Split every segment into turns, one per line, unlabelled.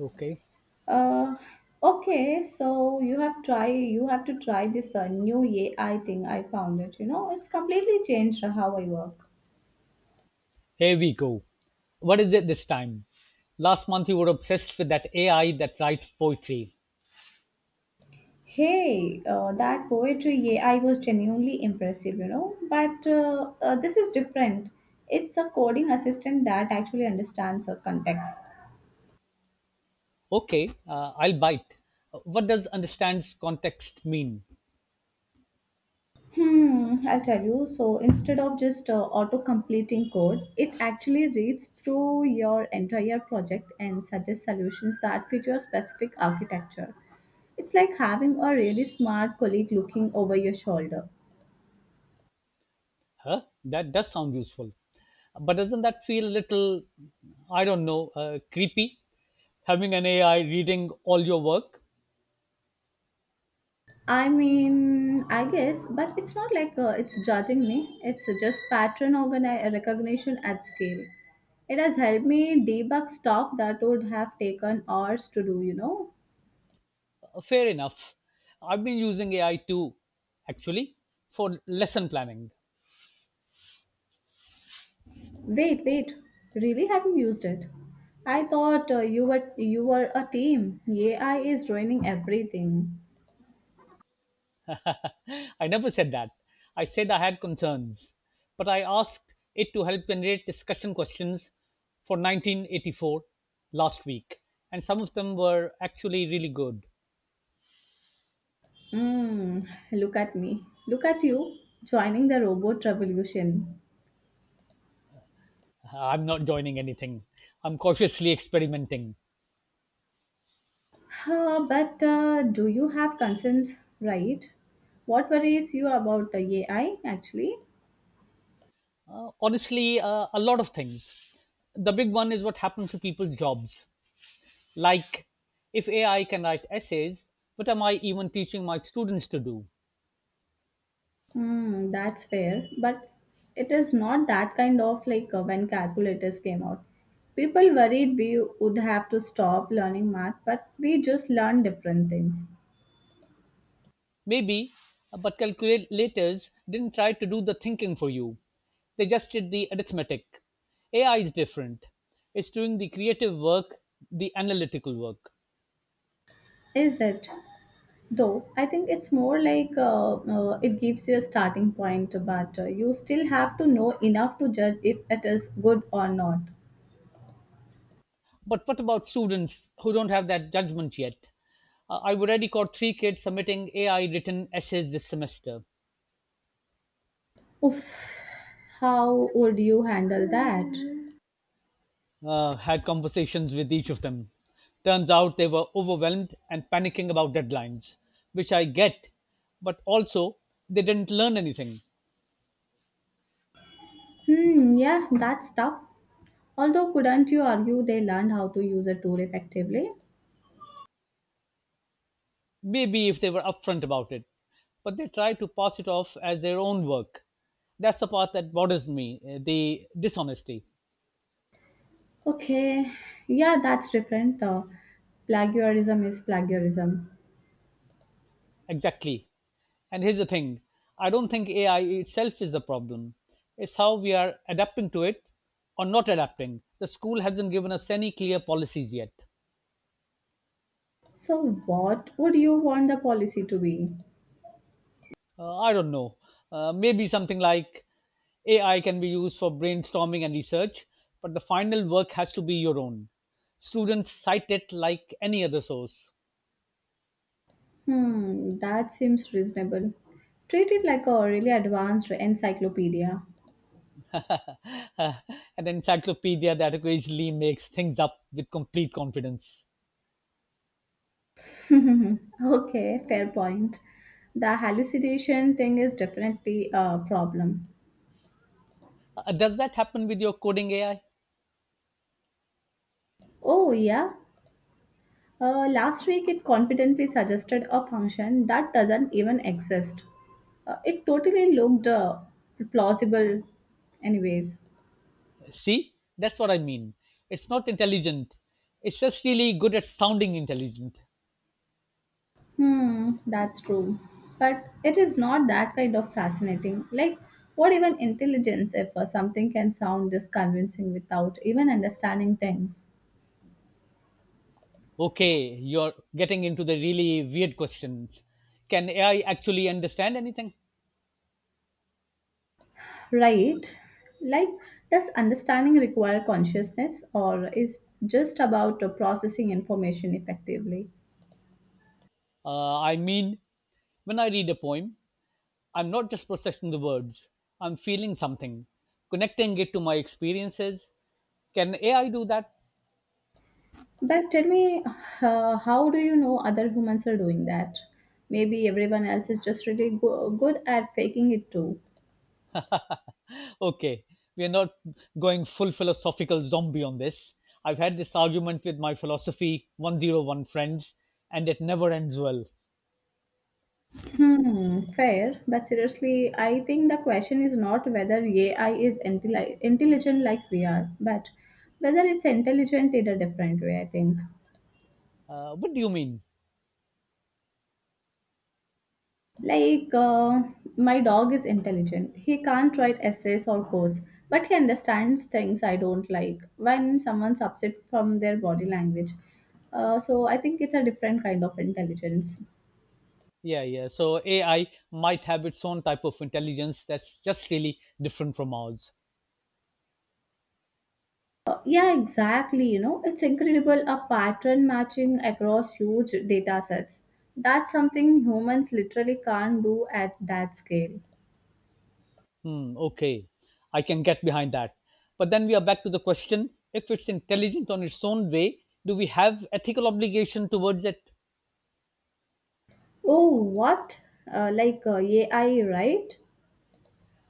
Okay,
Uh, okay, so you have to try this new AI thing. I found it. You know, it's completely changed how I work.
here we go. What is it this time? Last month you were obsessed with that AI that writes poetry.
Hey, that poetry AI was genuinely impressive. You know, but this is different. It's a coding assistant that actually understands the context.
Okay, I'll bite. What does understands context mean?
Hmm, I'll tell you. So instead of just auto completing code, it actually reads through your entire project and suggests solutions that fit your specific architecture. It's like having a really smart colleague looking over your shoulder.
Huh? That does sound useful. But doesn't that feel a little, I don't know, creepy? Having an AI reading all your work?
I mean, I guess, but it's not like it's judging me. It's just recognition at scale. It has helped me debug stuff that would have taken hours to do,
Fair enough. I've been using AI too, actually, for lesson planning.
Wait, wait. Really haven't used it. I thought you were a team. AI is ruining everything.
I never said that. I said I had concerns, but I asked it to help generate discussion questions for 1984 last week, and some of them were actually really good.
Mm, look at me. Look at you joining the robot revolution.
I'm not joining anything. I'm cautiously experimenting.
But do you have concerns, right? What worries you about the AI actually?
Honestly, a lot of things. The big one is what happens to people's jobs. Like, if AI can write essays, what am I even teaching my students to do?
Hmm, that's fair, but it is not that kind of like when calculators came out. People worried we would have to stop learning math, but we just learn different things.
Maybe, but calculators didn't try to do the thinking for you. They just did the arithmetic. AI is different. It's doing the creative work, the analytical work.
Is it? Though I think it's more like it gives you a starting point, but you still have to know enough to judge if it is good or not.
But what about students who don't have that judgment yet? I've already caught three kids submitting AI written essays this semester.
Oof, how would you handle that?
Had conversations with each of them. Turns out they were overwhelmed and panicking about deadlines, which I get, but also they didn't learn anything.
Hmm, yeah, that's tough. Although, couldn't you argue they learned how to use a tool effectively?
Maybe if they were upfront about it. But they try to pass it off as their own work. That's the part that bothers me, the dishonesty.
Okay, yeah, that's different. Plagiarism is plagiarism.
Exactly. And here's the thing, I don't think AI itself is the problem, it's how we are adapting to it, or not adapting. The school hasn't given us any clear policies yet.
So, what would you want the policy to be?
I don't know. Maybe something like AI can be used for brainstorming and research, but the final work has to be your own. Students cite it like any other source.
Hmm, that seems reasonable. Treat it like a really advanced encyclopedia.
uh, an encyclopedia that occasionally makes things up with complete confidence.
Okay, fair point. The hallucination thing is definitely a problem.
Does that happen with your coding AI?
Oh, yeah. Last week it confidently suggested a function that doesn't even exist. It totally looked plausible, anyways.
See, that's what I mean. It's not intelligent, it's just really good at sounding intelligent.
Hmm, that's true. But it is not that kind of fascinating. Like, what even intelligence if something can sound this convincing without even understanding things?
Okay, you're getting into the really weird questions. Can AI actually understand anything?
Right. Like, does understanding require consciousness or is just about processing information effectively?
I mean, when I read a poem, I'm not just processing the words, I'm feeling something, connecting it to my experiences. Can AI do that?
But tell me, how do you know other humans are doing that? Maybe everyone else is just good at faking it too.
Okay, we're not going full philosophical zombie on this. I've had this argument with my philosophy 101 friends, and it never ends well.
Hmm, fair. But seriously, I think the question is not whether AI is intelligent like we are, but whether it's intelligent in a different way, I think.
What do you mean?
Like, my dog is intelligent. He can't write essays or codes, but he understands things I don't like when someone's upset from their body language. So I think it's a different kind of intelligence.
Yeah, yeah. So AI might have its own type of intelligence that's just really different from ours.
Yeah, exactly. You know, it's incredible a pattern matching across huge data sets. That's something humans literally can't do at that scale.
Hmm, okay, I can get behind that. But then we are back to the question, if it's intelligent on its own way, do we have ethical obligation towards it?
Oh, what? Like AI, right?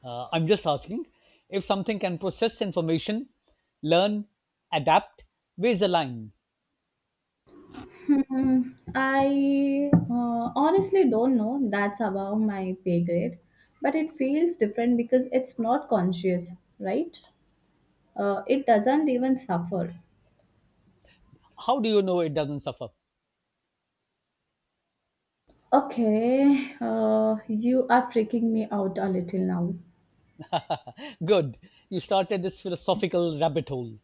I'm just asking, if something can process information, learn, adapt, where's the line?
Hmm, I honestly don't know. That's above my pay grade. But it feels different because it's not conscious, right? It doesn't even suffer.
How do you know it doesn't suffer?
Okay, you are freaking me out a little
Good, you started this philosophical rabbit hole.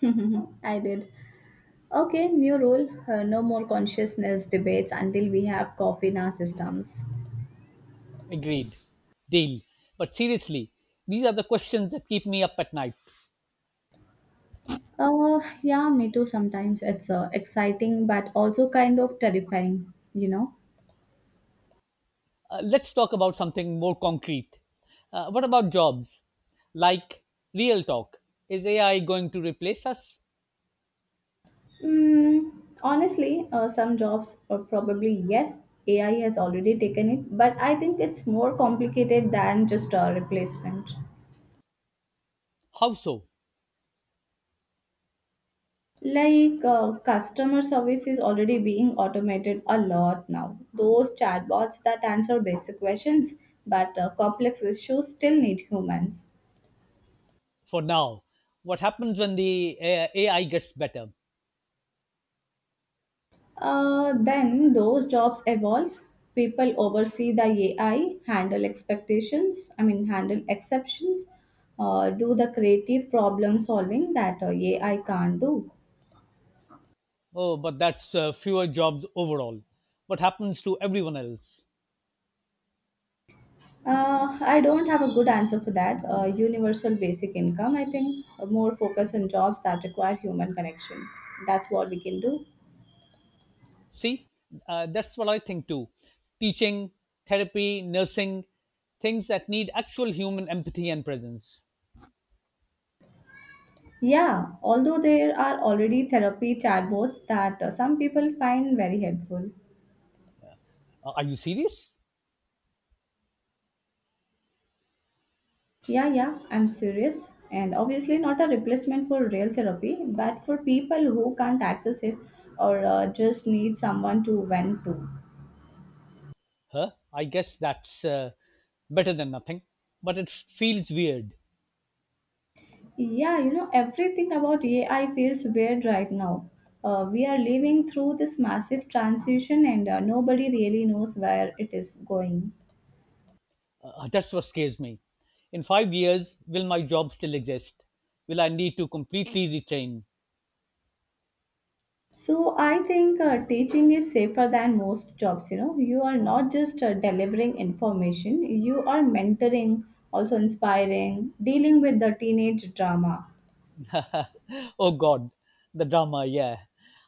now. I did. Okay, new rule. No more consciousness debates until we have coffee in our systems.
Agreed, deal. But seriously, these are the questions that keep me up at night.
Yeah, me too. Sometimes it's exciting, but also kind of terrifying, you know?
Let's talk about something more concrete. What about jobs? Like, real talk. Is AI going to replace us?
Mm, honestly, some jobs are probably yes, AI has already taken it, but I think it's more complicated than just a replacement.
How so?
Like customer service is already being automated a lot now. Those chatbots that answer basic questions, but complex issues still need humans.
For now. What happens when the AI gets better?
Then those jobs evolve. People oversee the AI, handle expectations, I mean, handle exceptions, do the creative problem solving that AI can't do.
Oh, but that's fewer jobs overall. What happens to everyone else?
I don't have a good answer for that. Universal basic income, I think. More focus on jobs that require human connection. That's what we can do.
See, that's what I think too. Teaching, therapy, nursing, things that need actual human empathy and presence.
Yeah, although there are already therapy chatbots that some people find very helpful.
Are you serious?
Yeah, yeah, I'm serious. And obviously, not a replacement for real therapy, but for people who can't access it or just need someone to vent to.
Huh? I guess that's, better than nothing, but it feels weird.
Yeah, you know, everything about AI feels weird right now. We are living through this massive transition, and nobody really knows where it is going.
That's what scares me. In 5 years, will my job still exist? Will I need to completely retrain?
So I think teaching is safer than most jobs. You know, you are not just delivering information; you are mentoring, also inspiring, dealing with the teenage drama.
Oh God, the drama, yeah.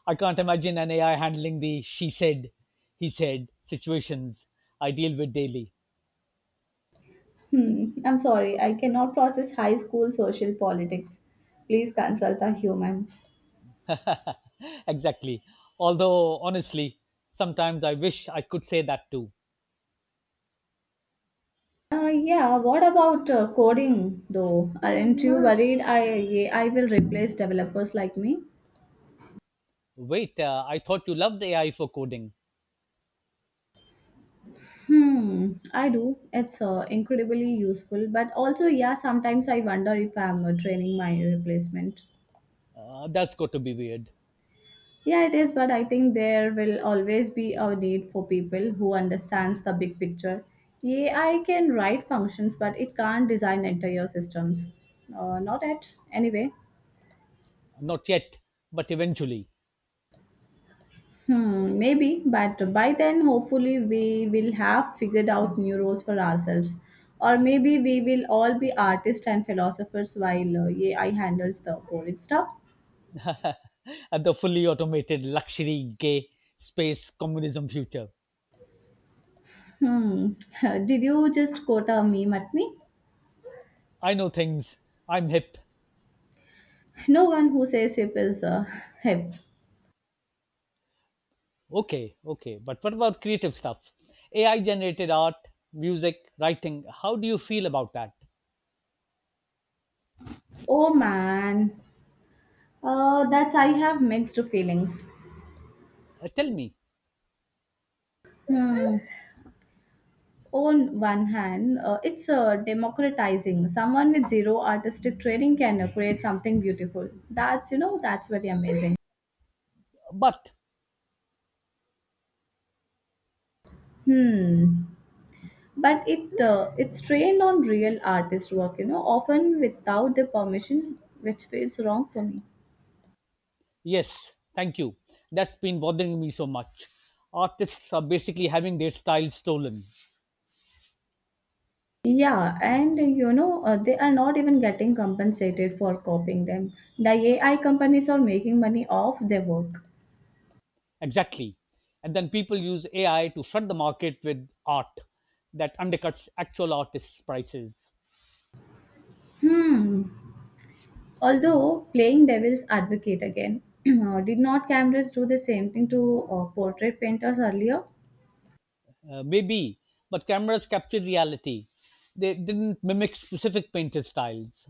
I can't imagine an AI handling the she said, he said situations I deal with daily.
Hmm, I'm sorry, I cannot process high school social politics. Please consult a human.
Exactly. Although, honestly, sometimes I wish I could say that too.
Yeah, what about coding though? Aren't you worried? I will replace developers like me.
Wait, I thought you loved AI for coding.
Hmm, I do. It's incredibly useful, but also, yeah, sometimes I wonder if I'm training my replacement.
That's got to be weird.
Yeah, it is, but I think there will always be a need for people who understands the big picture. Yeah, I can write functions, but it can't design entire systems. Not yet, anyway.
Not yet, but eventually,
Hmm, maybe, but by then, hopefully, we will have figured out new roles for ourselves. Or maybe we will all be artists and philosophers while AI handles the boring stuff.
at the fully automated, luxury, gay, space, communism future.
Hmm, did you just quote a meme at me?
I know things, I'm hip.
No one who says hip is hip.
Okay, okay, but what about creative stuff? AI generated art, music, writing, how do you feel about that?
Oh man, that's I have mixed feelings.
Tell me.
Hmm. On one hand, it's democratizing. Someone with zero artistic training can create something beautiful. That's you know that's very amazing.
But
Hmm. But it's trained on real artist work. You know, often without the permission, which feels wrong for me.
yes, thank you. That's been bothering me so much. Artists are basically having their style stolen.
Yeah, and you know, they are not even getting compensated for copying them. The AI companies are making money off their work.
Exactly. And then people use AI to flood the market with art that undercuts actual artists' prices.
Hmm. Although playing devil's advocate again, did not cameras do the same thing to portrait painters earlier?
Maybe, but cameras captured reality. They didn't mimic specific painter styles.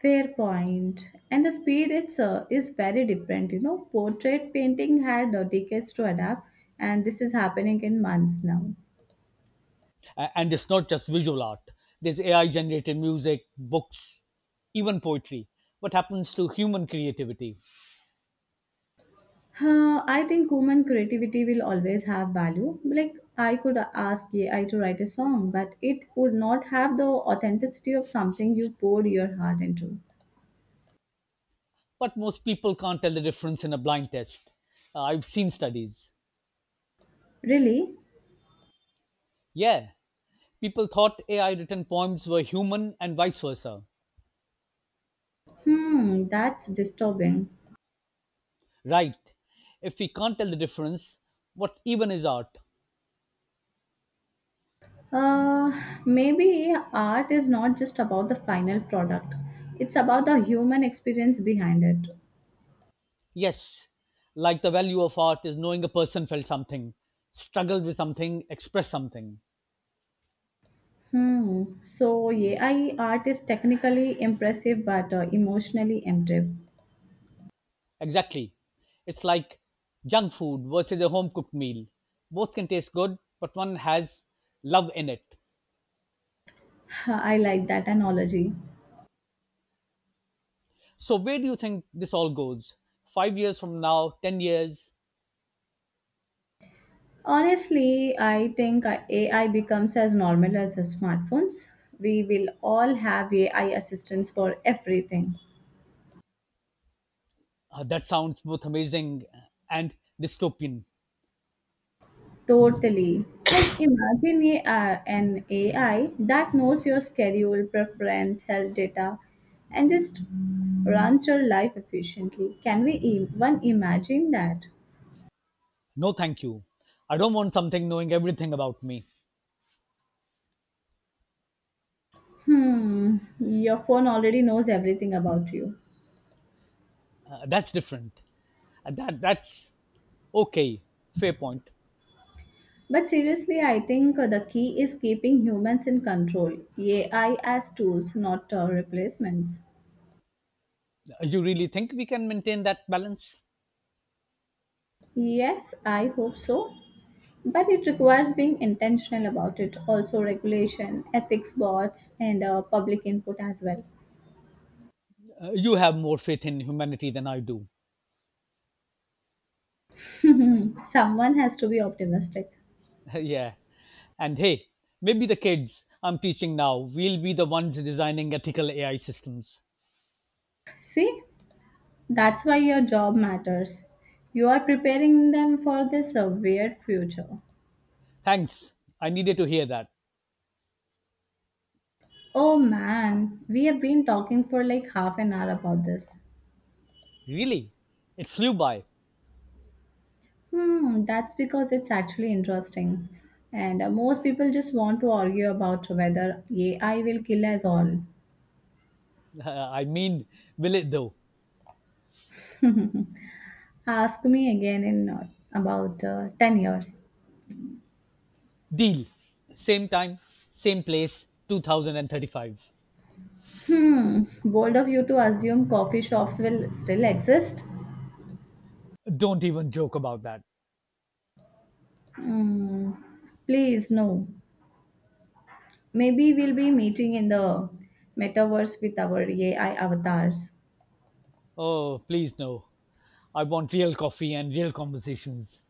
Fair point. And the speed it's is very different. You know, portrait painting had decades to adapt, and this is happening in months now.
And it's not just visual art, there's AI generated music, books, even poetry. What happens to human creativity?
I think human creativity will always have value. Like I could ask AI to write a song, but it would not have the authenticity of something you poured your heart into.
But most people can't tell the difference in a blind test. I've seen studies.
Really?
Yeah, people thought AI written poems were human and vice versa.
Hmm, that's disturbing.
Right. If we can't tell the difference, what even is art?
Uh, Maybe art is not just about the final product, it's about the human experience behind it.
Yes, like the value of art is knowing a person felt something, struggled with something, expressed something.
Hmm. So, AI art is technically impressive but emotionally empty.
Exactly. It's like junk food versus a home cooked meal. Both can taste good, but one has love in it.
I like that analogy.
So, where do you think this all goes? 5 years from now, 10 years?
Honestly, I think AI becomes as normal as smartphones. We will all have AI assistants for everything.
That sounds both amazing, and dystopian.
Totally. Like imagine an AI that knows your schedule, preference, health data, and just runs your life efficiently. Can we even imagine that?
No, thank you. I don't want something knowing everything about me.
Hmm, your phone already knows everything about you.
That's different. That's okay. Fair point.
But seriously, I think the key is keeping humans in control. AI as tools, not replacements.
You really think we can maintain that balance?
Yes, I hope so. But it requires being intentional about it, also regulation, ethics boards, and public input as well.
You have more faith in humanity than I do.
Someone has to be optimistic.
Yeah. And hey, maybe the kids I'm teaching now will be the ones designing ethical AI systems.
See, that's why your job matters. You are preparing them for this weird future.
Thanks. I needed to hear that.
Oh man, we have been talking for like half an hour about this.
Really? It flew by.
Hmm, that's because it's actually interesting. And most people just want to argue about whether AI will kill us all.
I mean, will it though?
Ask me again in about 10 years.
Deal. Same time, same place, 2035.
Hmm, bold of you to assume coffee shops will still exist?
Don't even joke about that.
Hmm, please, no. Maybe we'll be meeting in the metaverse with our AI avatars.
Oh, please no. I want real coffee and real conversations.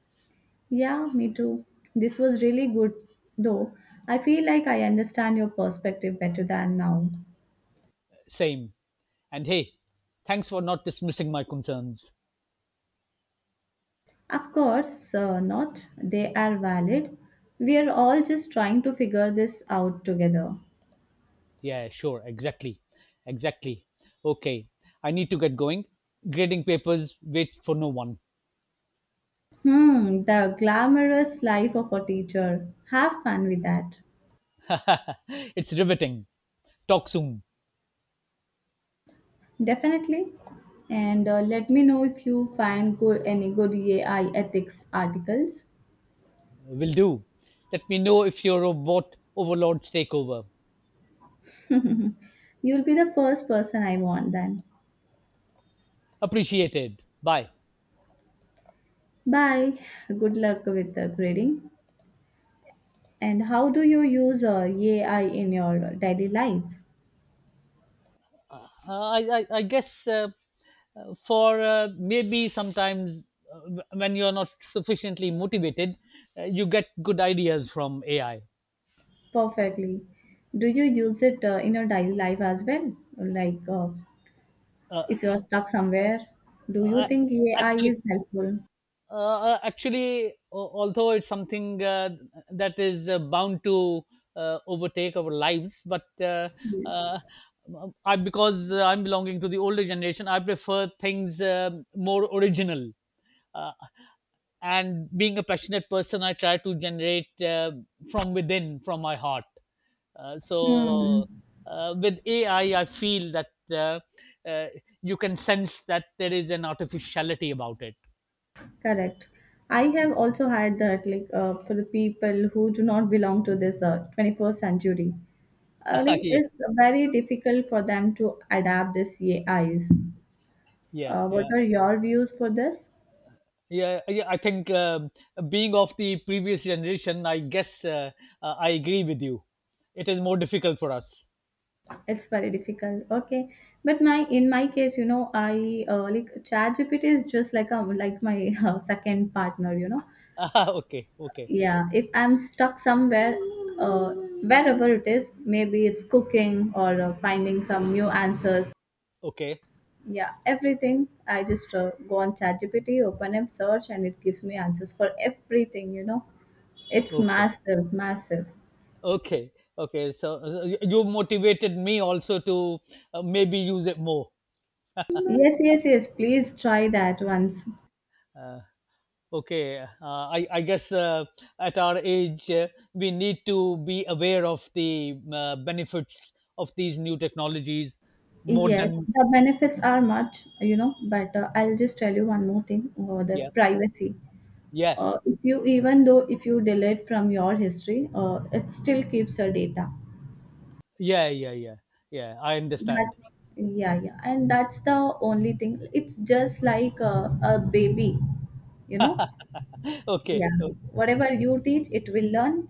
Yeah, me too. This was really good, though. I feel like I understand your perspective better than now.
Same. And hey, thanks for not dismissing my concerns.
Of course, not. They are valid. We are all just trying to figure this out together.
Yeah, sure, exactly. Exactly. Okay, I need to get going. Grading papers wait for no one.
Hmm, the glamorous life of a teacher. Have fun with that.
It's riveting. Talk soon.
Definitely. And let me know if you find any good AI ethics articles.
Will do. Let me know if your robot overlords take over.
You'll be the first person I want then.
Appreciated. Bye.
Bye. Good luck with the grading. And how do you use AI in your daily life?
I guess, for maybe sometimes, when you're not sufficiently motivated, you get good ideas from AI.
Perfectly. Do you use it in your daily life as well? Like
Uh,
if you're stuck somewhere, do you
I-
think AI is
Actually,
helpful?
uh, actually, although it's something that is bound to overtake our lives, but uh, I, because I'm belonging to the older generation, I prefer things more original. Uh, and being a passionate person, I try to generate from within, from my heart,
Hmm,
so with AI I feel that, uh, you can sense that there is an artificiality about it.
correct. I have also had that, like, for the people who do not belong to this 21st century, like,
Yeah,
it's very difficult for them to adapt this AIs.
yeah,
What
yeah,
are your views for this?
yeah, yeah, I think, being of the previous generation, I guess, I agree with you. It is more difficult for us.
It's very difficult. Okay, but my in my case, you know, I like ChatGPT is just like a like my second partner, you know.
Ah, okay, okay,
Yeah, if I'm stuck somewhere, uh, wherever it is, maybe it's cooking or finding some new answers.
okay,
Yeah, everything, I just go on ChatGPT, open up search, and it gives me answers for everything. It's
okay.
massive, massive.
Okay, okay. So, you motivated me also to, maybe use it more.
Yes, yes, yes, please try that once.
Uh, okay, I guess, at our age, we need to be aware of the, benefits of these new technologies more
Yes,
than,
the benefits are much, you know, but I'll just tell you one more thing, the
yeah,
privacy.
yeah,
If you, even though if you delete from your history, it still keeps your data.
yeah, yeah, yeah, yeah. I understand.
That's yeah, yeah, and that's the only thing. It's just like a baby, you know. Yeah,
Okay, okay,
whatever you teach, it will learn,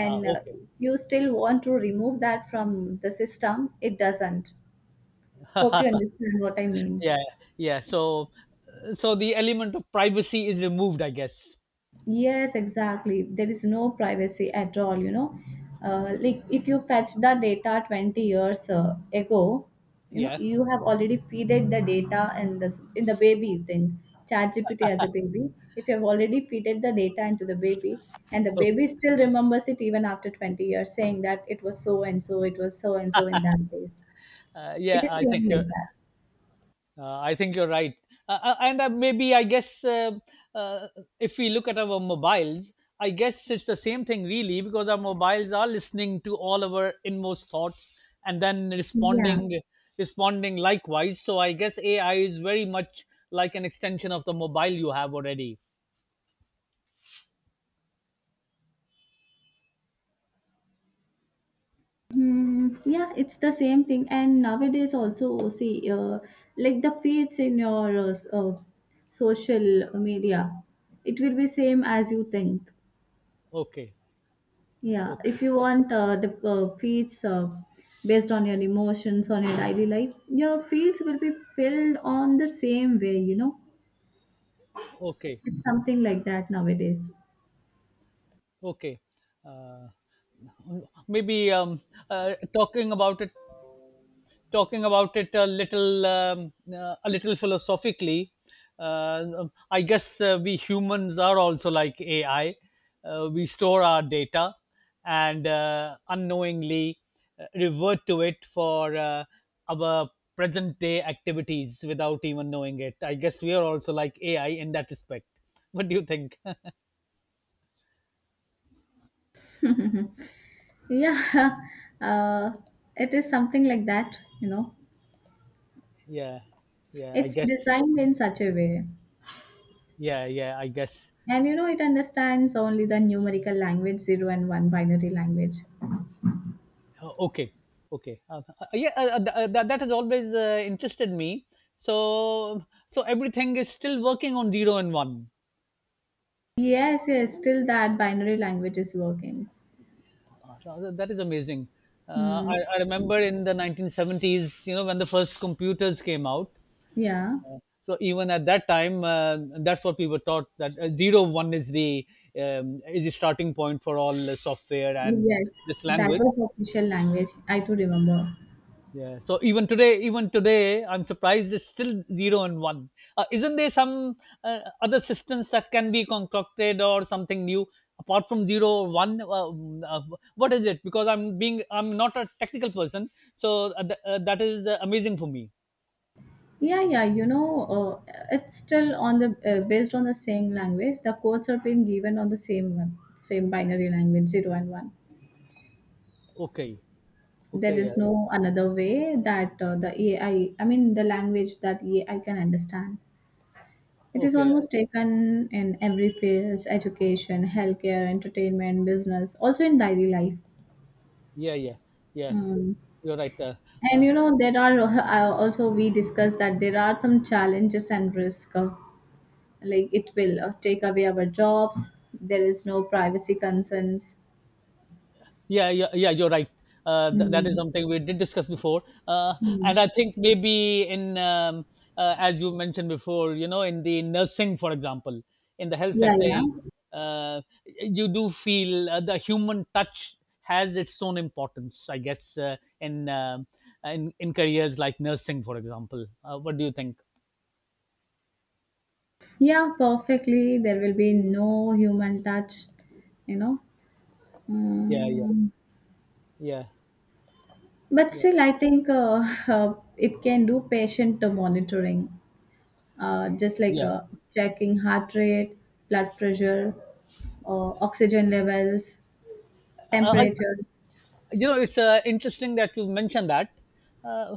okay.
you still want to remove that from the system. It doesn't. Hope you understand what I mean.
Yeah, yeah. So, so the element of privacy is removed, I guess.
Yes, exactly. There is no privacy at all. Like if you fetch the data 20 years ago, you know,
Yeah.
you have already feeded the data in the baby thing, ChatGPT as a baby. If you have already feeded the data into the baby, and the
Okay.
baby still remembers it even after 20 years, saying that it was so and so, it was so and so in that place.
Uh, yeah,
It is
I think
same
you're
like that.
I think you're right. And Maybe I guess, uh, if we look at our mobiles, I guess it's the same thing really because our mobiles are listening to all our inmost thoughts and then,
Yeah.
responding likewise. So I guess AI is very much like an extension of the mobile you have already.
Hmm, yeah, it's the same thing. And nowadays also, see, like the feeds in your social media, it will be same as you think.
Okay,
Yeah,
okay,
if you want the feeds based on your emotions, on your daily life, your feeds will be filled on the same way.
okay,
It's something like that nowadays.
okay. Uh, Maybe uh, talking about it talking about it a little, a little philosophically, uh, I guess we humans are also like AI. We store our data and unknowingly revert to it for our present day activities without even knowing it. I guess we are also like AI in that respect. What do you think?
Yeah, uh, it is something like that.
Yeah, yeah, I
It's
guess.
designed in such a way.
Yeah, yeah, I guess.
And you know, it understands only the numerical language 0 and 1 binary language.
Oh, okay, okay, yeah, that has always interested me. So so everything is still working on zero and one.
Yes, yes, still that binary language is working.
So that is amazing. uh,
Hmm.
I, I remember in the 1970s, you know, when the first computers came out,
Yeah.
so even at that time, that's what we were taught, that 0, 1 is the, is the starting point for all software and
Yes,
this
that
language.
was the official language. I do remember.
Yeah. So even today, I'm surprised it's still zero and one. Isn't there some, other systems that can be concocted or something new apart from zero or one? Uh, what is it? Because I'm being, I'm not a technical person, so that is, amazing for me.
Yeah, yeah. You know, it's still on the based on the same language. The codes are being given on the same one, same binary language, zero and one.
Okay.
There
Okay. Yeah.
is no another way that the AI, I mean, the language that AI can understand. It is
Okay.
almost taken in every fields: education, healthcare, entertainment, business, also in daily life.
Yeah. Yeah. Yeah.
Mm.
You're right.
And
Uh,
you know, there are also we discussed that there are some challenges and risk. Like it will take away our jobs. There is no privacy concerns.
Yeah, yeah, yeah, you're right. That is
Mm.
something we did discuss before, uh,
Mm.
and I think maybe in as you mentioned before, you know, in the nursing, for example, in the health
Yeah,
sector,
yeah,
you do feel the human touch has its own importance, I guess, in careers like nursing, for example. What do you think?
yeah. Perfectly, there will be no human touch. You know.
Yeah, yeah,
Mm.
yeah,
But
yeah,
still, I think it can do patient monitoring, just like
yeah.
checking heart rate, blood pressure, oxygen levels,
Uh,
temperatures.
you know it's interesting that you mentioned that uh,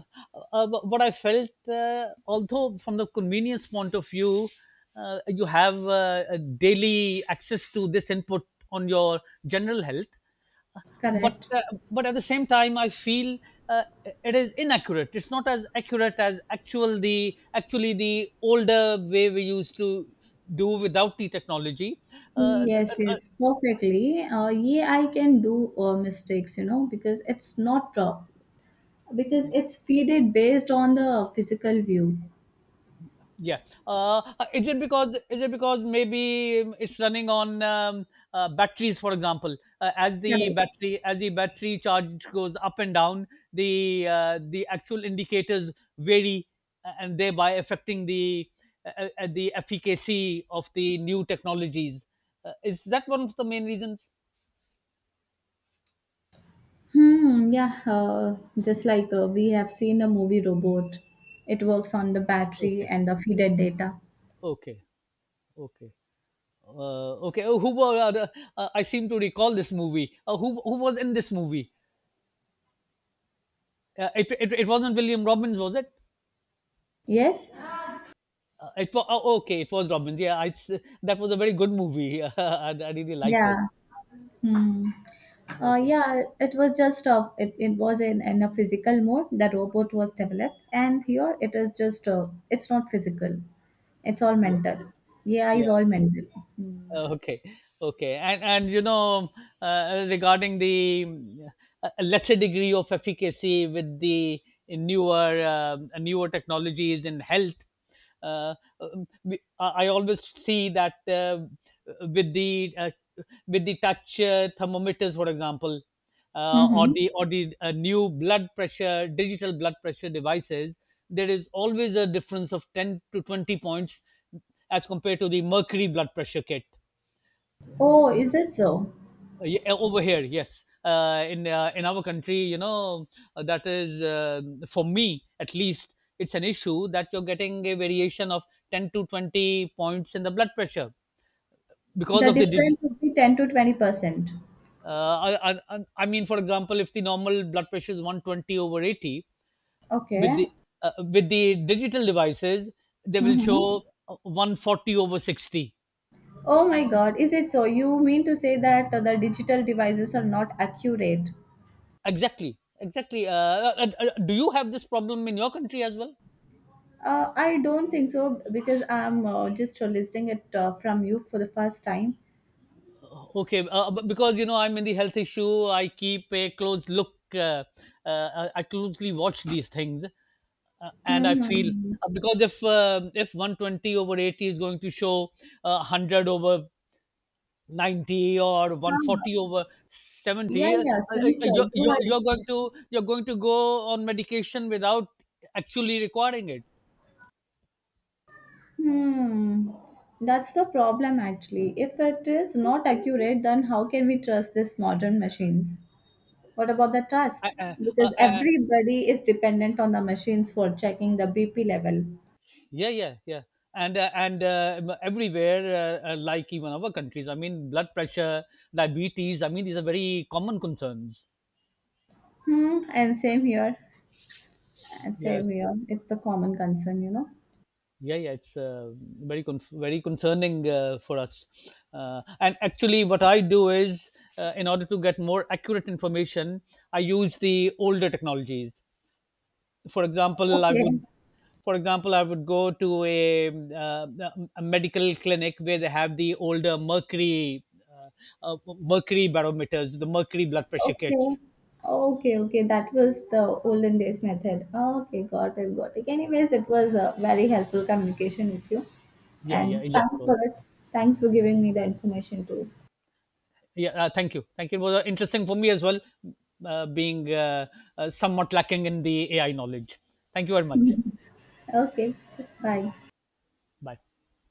what I felt, although from the convenience point of view, you have a daily access to this input on your general health, but
Correct.
uh, but at the same time I feel uh, it is inaccurate, it's not as accurate as actually the older way we used to do without the technology. Uh,
Yes, yes, perfectly. Yeah, I can do mistakes, you know, because it's not because it's feeded based on the physical view.
Yeah. Is it because maybe it's running on batteries, for example? uh, as the
Correct.
battery as the battery charge goes up and down, the actual indicators vary, and thereby affecting the efficacy of the new technologies. Is that one of the main reasons?
Hmm, yeah, just like we have seen the movie Robot. It works on the battery
Okay,
and the feeder data.
okay, okay, okay. Oh, who were? I seem to recall this movie. Who was in this movie? It wasn't William Robbins, was it?
Yes?
It was, oh, okay. It was Robbins. Yeah, I, that was a very good movie. I really liked it.
Yeah. Hmm.
Okay.
Yeah, it was just a, it was in a physical mode. The robot was developed, and here it is just it's not physical. It's all
Yeah.
mental. Yeah, it's
Yeah.
all mental. Hmm.
okay okay, and you know, regarding the lesser degree of efficacy with the newer technologies in health, uh, I I always see that with the uh, with the touch thermometers, for example, uh, or
Mm-hmm.
the or the uh, new blood pressure digital blood pressure devices, there is always a difference of 10 to 20 points as compared to the mercury blood pressure kit. Y-
Oh,
uh,
is it so?
y- Over here, yes, in our country, you know, that is for me at least, it's an issue that you're getting a variation of 10 to 20 points in the blood pressure because
The
of the dig-
difference would be 10 to 20%.
I mean, for example, if the normal blood pressure is 120 over 80,
Okay.
with the with the digital devices they will
Mm-hmm.
show uh, 140 over 60.
Oh my god, is it so? You mean to say that the digital devices are not accurate?
Exactly exactly uh, uh, uh, Do you have this problem in your country as well?
I don't think so because I'm just listening it from you for the first time.
Okay, because you know I'm in the health issue, I keep a close look. I closely watch these things, and I feel
Mm-hmm.
because if 120 over 80 is going to show 100 over 90 or 140 over
Yeah,
70, uh,
yeah,
uh,
since
you're,
you
you're
had
you're going
explained.
to go on medication without actually requiring it.
Hmm. That's the problem actually. If it is not accurate, then how can we trust these modern machines? What about the
I,
trust?
I,
Because
I,
everybody is dependent on the machines for checking the BP level.
yeah, yeah, yeah. Everywhere, like even our countries, I mean blood pressure, diabetes, I mean these are very common concerns.
Hmm, and same here. And
Yes,
same here. It's the common concern, you know.
yeah, yeah, it's very concerning for us, and actually what I do is, in order to get more accurate information, I use the older technologies. for example i would
Okay,
for example, I would go to uh, a medical clinic where they have the older mercury, uh, mercury barometers, the mercury blood pressure
okay.
kits.
Okay, okay. That was the olden days method. Okay, got it, got it. Anyways, it was a very helpful communication with you.
Yeah, yeah,
And
yeah,
thanks
so,
for it. Thanks for giving me the information too.
yeah, thank you, thank you, it was interesting for me as well, being somewhat lacking in the AI knowledge. Thank you very much.
Okay, so bye.
Bye.